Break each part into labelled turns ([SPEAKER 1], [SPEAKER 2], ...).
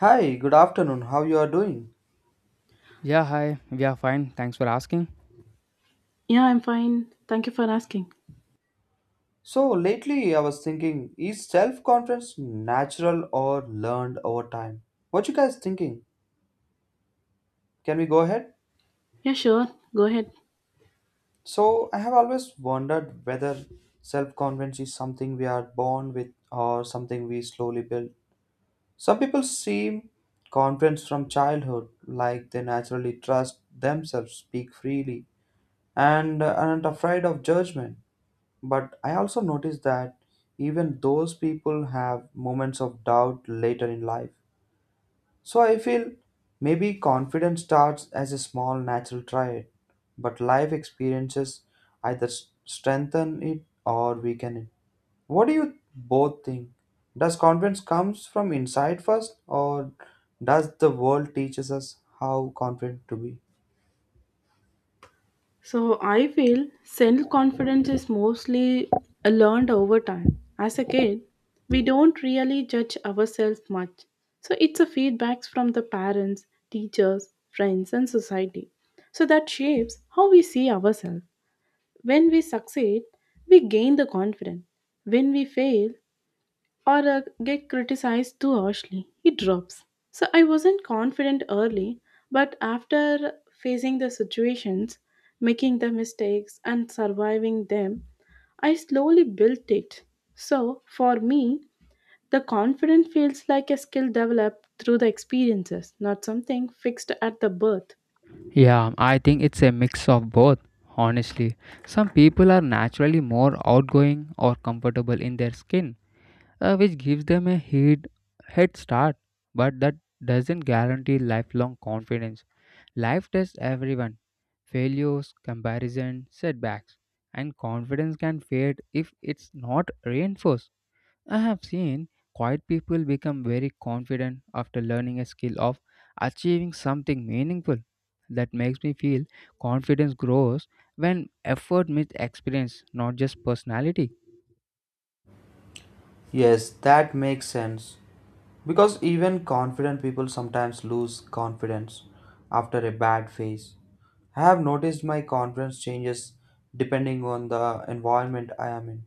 [SPEAKER 1] Hi, good afternoon. How you are doing?
[SPEAKER 2] Yeah, hi. We are fine. Thanks for asking.
[SPEAKER 3] Yeah, I'm fine. Thank you for asking.
[SPEAKER 1] So lately I was thinking, is self-confidence natural or learned over time? What you guys thinking? Can we go ahead?
[SPEAKER 3] Yeah, sure. Go ahead.
[SPEAKER 1] So I have always wondered whether self-confidence is something we are born with or something we slowly build. Some people seem confident from childhood, like they naturally trust themselves, speak freely, and aren't afraid of judgment. But I also noticed that even those people have moments of doubt later in life. So I feel maybe confidence starts as a small natural trait, but life experiences either strengthen it or weaken it. What do you both think? Does confidence comes from inside first or does the world teaches us how confident to be?
[SPEAKER 3] So, I feel self confidence is mostly learned over time. As a kid, we don't really judge ourselves much. So, it's a feedbacks from the parents, teachers, friends, and society. So, that shapes how we see ourselves. When we succeed, we gain the confidence. When we fail, or get criticized too harshly. It drops. So I wasn't confident early, but after facing the situations, making the mistakes, and surviving them, I slowly built it. So for me, the confidence feels like a skill developed through the experiences, not something fixed at the birth.
[SPEAKER 2] Yeah, I think it's a mix of both, honestly. Some people are naturally more outgoing or comfortable in their skin, which gives them a head start, but that doesn't guarantee lifelong confidence. Life tests everyone failures, comparison, setbacks, and confidence can fade if it's not reinforced. I have seen quiet people become very confident after learning a skill of achieving something meaningful. That makes me feel confidence grows when effort meets experience, not just personality.
[SPEAKER 1] Yes, that makes sense. Because even confident people sometimes lose confidence after a bad phase. I have noticed my confidence changes depending on the environment I am in.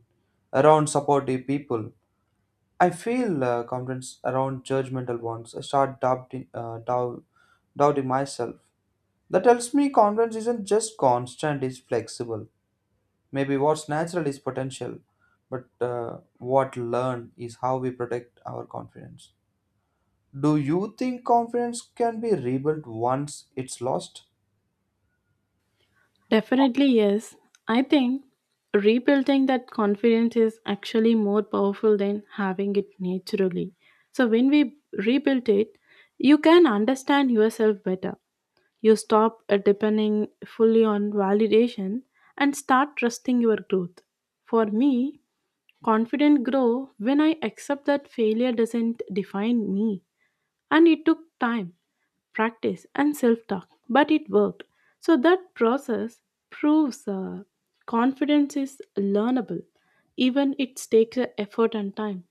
[SPEAKER 1] Around supportive people, I feel confidence around judgmental ones. I start doubting myself. That tells me confidence isn't just constant, it's flexible. Maybe what's natural is potential, but what learned is how we protect our confidence. Do you think confidence can be rebuilt once it's lost?
[SPEAKER 3] Definitely, yes. I think rebuilding that confidence is actually more powerful than having it naturally. So, when we rebuild it, you can understand yourself better. You stop depending fully on validation and start trusting your growth. For me, confidence grow when I accept that failure doesn't define me. And it took time practice, and self talk. But it worked. So that process proves confidence is learnable, even it takes effort and time.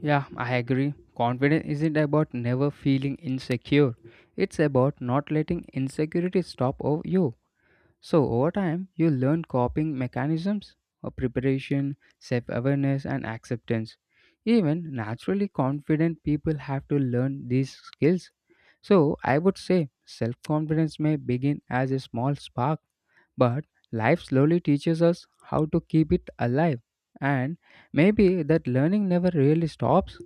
[SPEAKER 2] Yeah, I agree. Confidence isn't about never feeling insecure, it's about not letting insecurity stop over you. So, over time, you learn coping mechanisms of preparation, self awareness, and acceptance. Even naturally confident people have to learn these skills. So, I would say self confidence may begin as a small spark, but life slowly teaches us how to keep it alive. And maybe that learning never really stops.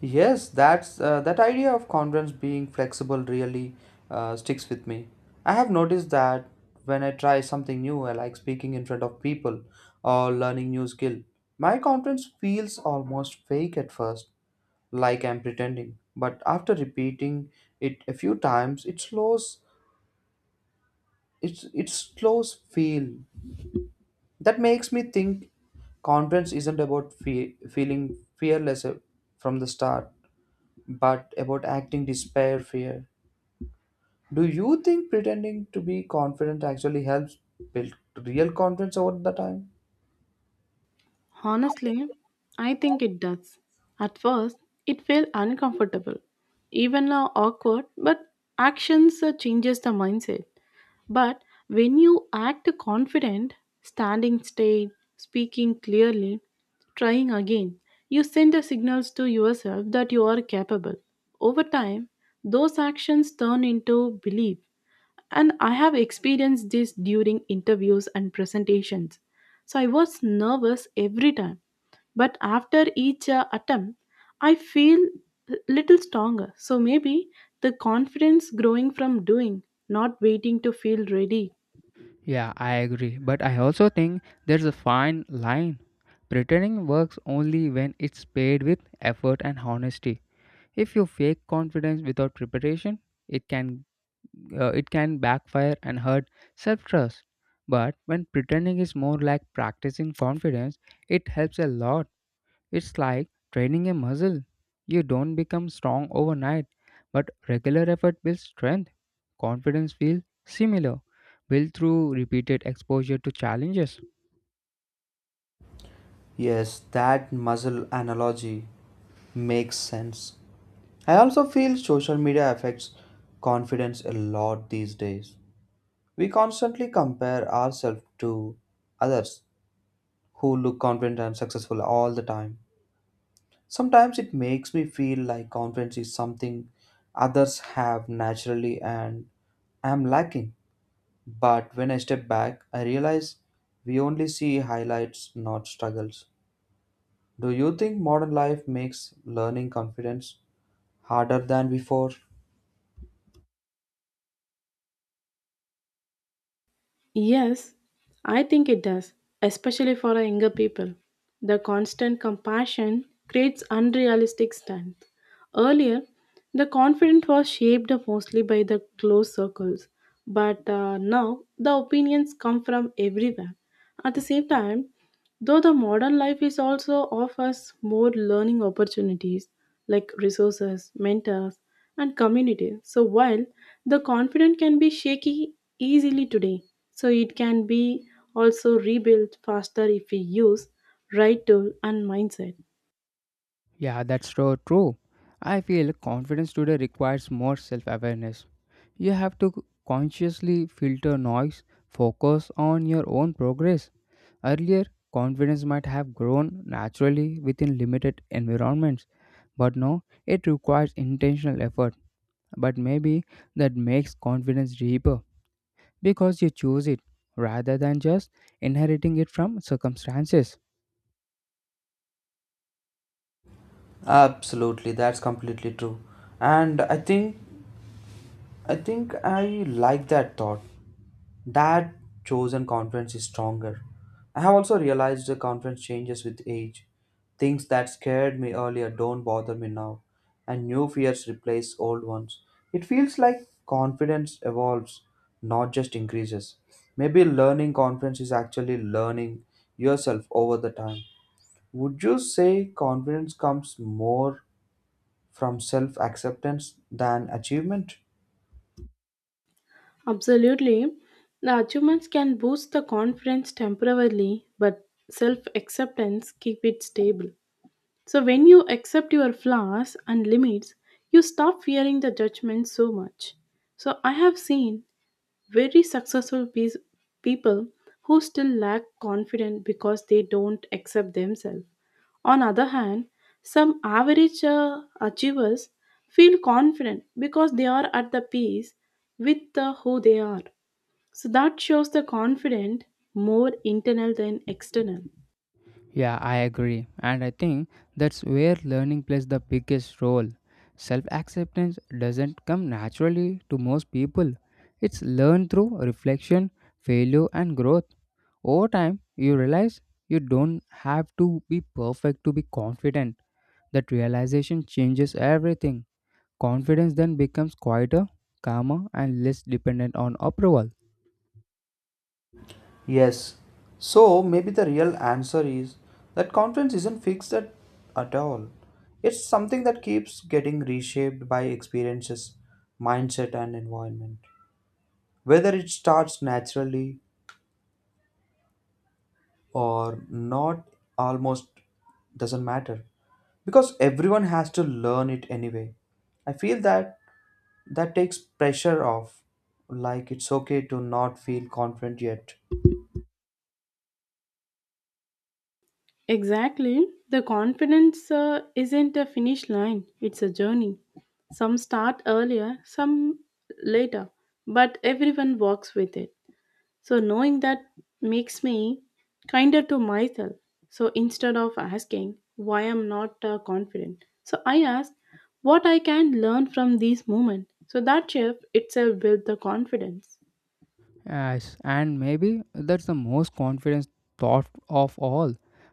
[SPEAKER 1] Yes, that idea of confidence being flexible really sticks with me. I have noticed that when I try something new, I like speaking in front of people or learning new skill. My confidence feels almost fake at first, like I'm pretending. But after repeating it a few times, it slows. It's it slows feel. That makes me think confidence isn't about feeling fearless from the start, but about acting despite fear. Do you think pretending to be confident actually helps build real confidence over the time?
[SPEAKER 3] Honestly, I think it does. At first, it felt uncomfortable, even now awkward, but actions changes the mindset. But when you act confident, standing straight, speaking clearly, trying again, you send the signals to yourself that you are capable. Over time, those actions turn into belief. And I have experienced this during interviews and presentations. So I was nervous every time but after each attempt, I feel little stronger. So maybe the confidence growing from doing, not waiting to feel ready.
[SPEAKER 2] Yeah, I agree. But I also think there's a fine line. Pretending works only when it's paired with effort and honesty. If you fake confidence without preparation, it can it can backfire and hurt self-trust. But when pretending is more like practicing confidence, it helps a lot. It's like training a muscle. You don't become strong overnight, but regular effort builds strength. Confidence feels similar, built through repeated exposure to challenges.
[SPEAKER 1] Yes, that muscle analogy makes sense. I also feel social media affects confidence a lot these days. We constantly compare ourselves to others who look confident and successful all the time. Sometimes it makes me feel like confidence is something others have naturally and I am lacking. But when I step back, I realize we only see highlights, not struggles. Do you think modern life makes learning confidence harder than before?
[SPEAKER 3] Yes, I think it does, especially for our younger people. The constant compassion creates unrealistic strength. Earlier, the confidence was shaped mostly by the close circles, but now the opinions come from everywhere. At the same time, though the modern life is also offers more learning opportunities like resources, mentors, and community. So while the confidence can be shaky easily today, so it can be also rebuilt faster if we use right tool and mindset.
[SPEAKER 2] Yeah, that's so true. I feel confidence today requires more self awareness. You have to consciously filter noise, focus on your own progress. Earlier, confidence might have grown naturally within limited environments, but now it requires intentional effort but maybe that makes confidence deeper because you choose it rather than just inheriting it from circumstances.
[SPEAKER 1] Absolutely, that's completely true. And I think I like that thought that chosen conference is stronger. I have also realized the conference changes with age. Things that scared me earlier don't bother me now, and new fears replace old ones. It feels like confidence evolves, not just increases. Maybe learning confidence is actually learning yourself over the time. Would you say confidence comes more from self acceptance than achievement?
[SPEAKER 3] Absolutely. The achievements can boost the confidence temporarily, but self acceptance keep it stable. So, when you accept your flaws and limits, you stop fearing the judgment so much. So, I have seen very people who still lack confidence because they don't accept themselves. On other hand, some average achievers feel confident because they are at the peace with who they are. So that shows the confident more internal than external.
[SPEAKER 2] Yeah, I agree, and I think that's where learning plays the biggest role. Self acceptance doesn't come naturally to most people, it's learned through reflection, failure, and growth. Over time, you realize you don't have to be perfect to be confident. That realization changes everything. Confidence then becomes quieter, calmer, and less dependent on approval.
[SPEAKER 1] Yes. So maybe the real answer is that confidence isn't at all. It's something that keeps getting reshaped by experiences, mindset, and environment. Whether it starts naturally or not almost doesn't matter because everyone has to learn it anyway. I feel that takes pressure off, like it's okay to not feel confident yet.
[SPEAKER 3] Exactly. The confidence isn't a finish line, it's a journey. Some start earlier, some later, but everyone walks with it. So, knowing that makes me kinder to myself. So, instead of asking why I'm not confident, so I ask what I can learn from these moments. So, that shift itself builds the confidence.
[SPEAKER 2] Yes, and maybe that's the most confidence thought of all.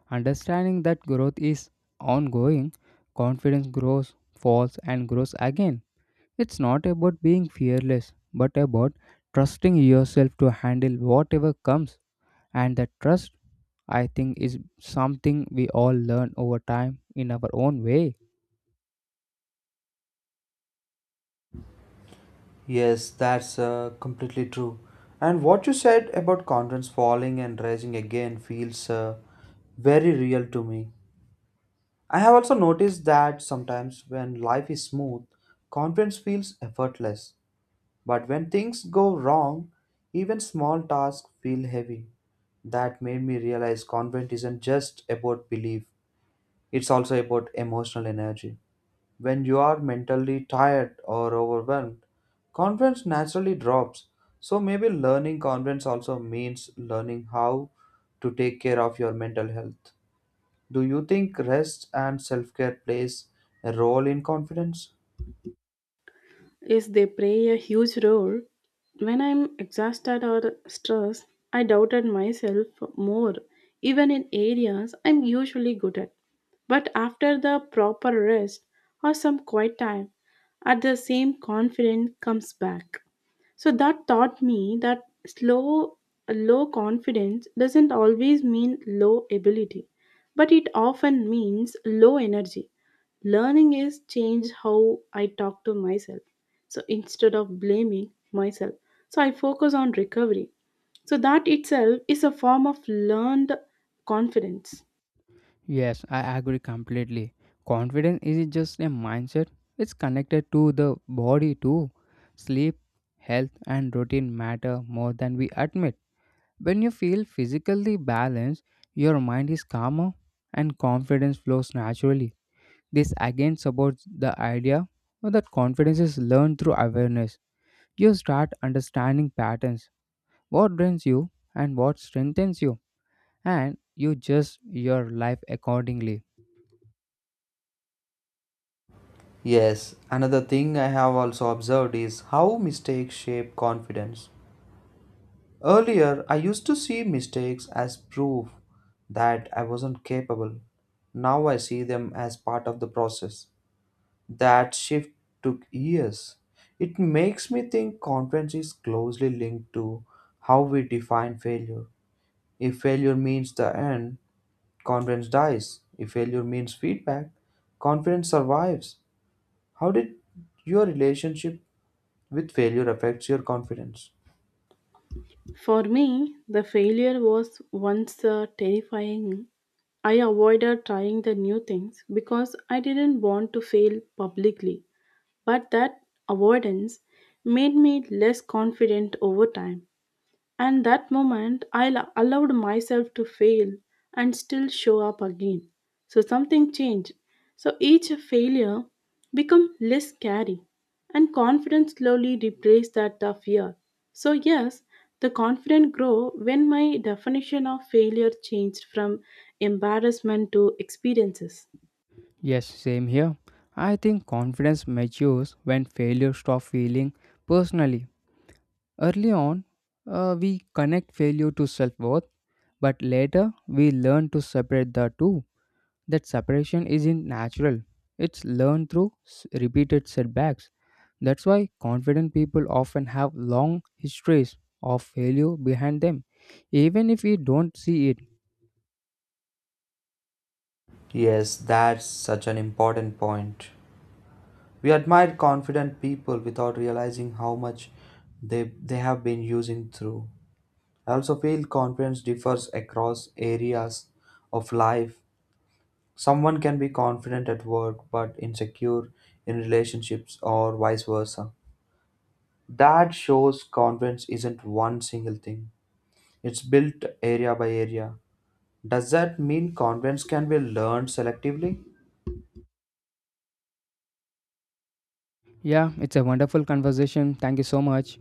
[SPEAKER 2] Understanding that growth is ongoing, confidence grows, falls, and grows again. It's not about being fearless, but about trusting yourself to handle whatever comes. And that trust, I think, is something we all learn over time in our own way.
[SPEAKER 1] Yes, that's completely true. And what you said about continents falling and rising again feels very real to me. I have also noticed that sometimes when life is smooth, confidence feels effortless. But when things go wrong, even small tasks feel heavy. That made me realize confidence isn't just about belief, it's also about emotional energy. When you are mentally tired or overwhelmed, confidence naturally drops. So maybe learning confidence also means learning how to take care of your mental health. Do you think rest and self-care plays a role in confidence?
[SPEAKER 3] Is they play a huge role. When I'm exhausted or stressed, I doubted myself more, even in areas I'm usually good at. But after the proper rest or some quiet time, at the same confidence comes back. So that taught me that slow, low confidence doesn't always mean low ability, but it often means low energy. Learning is change how I talk to myself. So instead of blaming myself, so I focus on recovery. So that itself is a form of learned confidence.
[SPEAKER 2] Yes, I agree completely. Confidence is just a mindset, it's connected to the body too. Sleep, health, and routine matter more than we admit. When you feel physically balanced, your mind is calmer and confidence flows naturally. This again supports the idea that confidence is learned through awareness. You start understanding patterns, what drains you and what strengthens you, and you adjust your life accordingly.
[SPEAKER 1] Yes, another thing I have also observed is how mistakes shape confidence. Earlier, I used to see mistakes as proof that I wasn't capable. Now I see them as part of the process. That shift took years. It makes me think confidence is closely linked to how we define failure. If failure means the end, confidence dies. If failure means feedback, confidence survives. How did your relationship with failure affect your confidence?
[SPEAKER 3] For me, the failure was once terrifying. I avoided trying the new things because I didn't want to fail publicly. But that avoidance made me less confident over time. And that moment, allowed myself to fail and still show up again. So something changed. So each failure become less scary, and confidence slowly replaced that fear. So yes, the confidence grow when my definition of failure changed from embarrassment to experiences.
[SPEAKER 2] Yes, same here. I think confidence matures when failure stops feeling personally. Early on, we connect failure to self worth, but later we learn to separate the two. That separation isn't natural, it's learned through repeated setbacks. That's why confident people often have long histories of failure behind them, even if we don't see it.
[SPEAKER 1] Yes, that's such an important point. We admire confident people without realizing how much they have been using through. I also feel confidence differs across areas of life. Someone can be confident at work but insecure in relationships or vice versa. That shows confidence isn't one single thing. It's built area by area. Does that mean confidence can be learned selectively?
[SPEAKER 2] Yeah, it's a wonderful conversation. Thank you so much.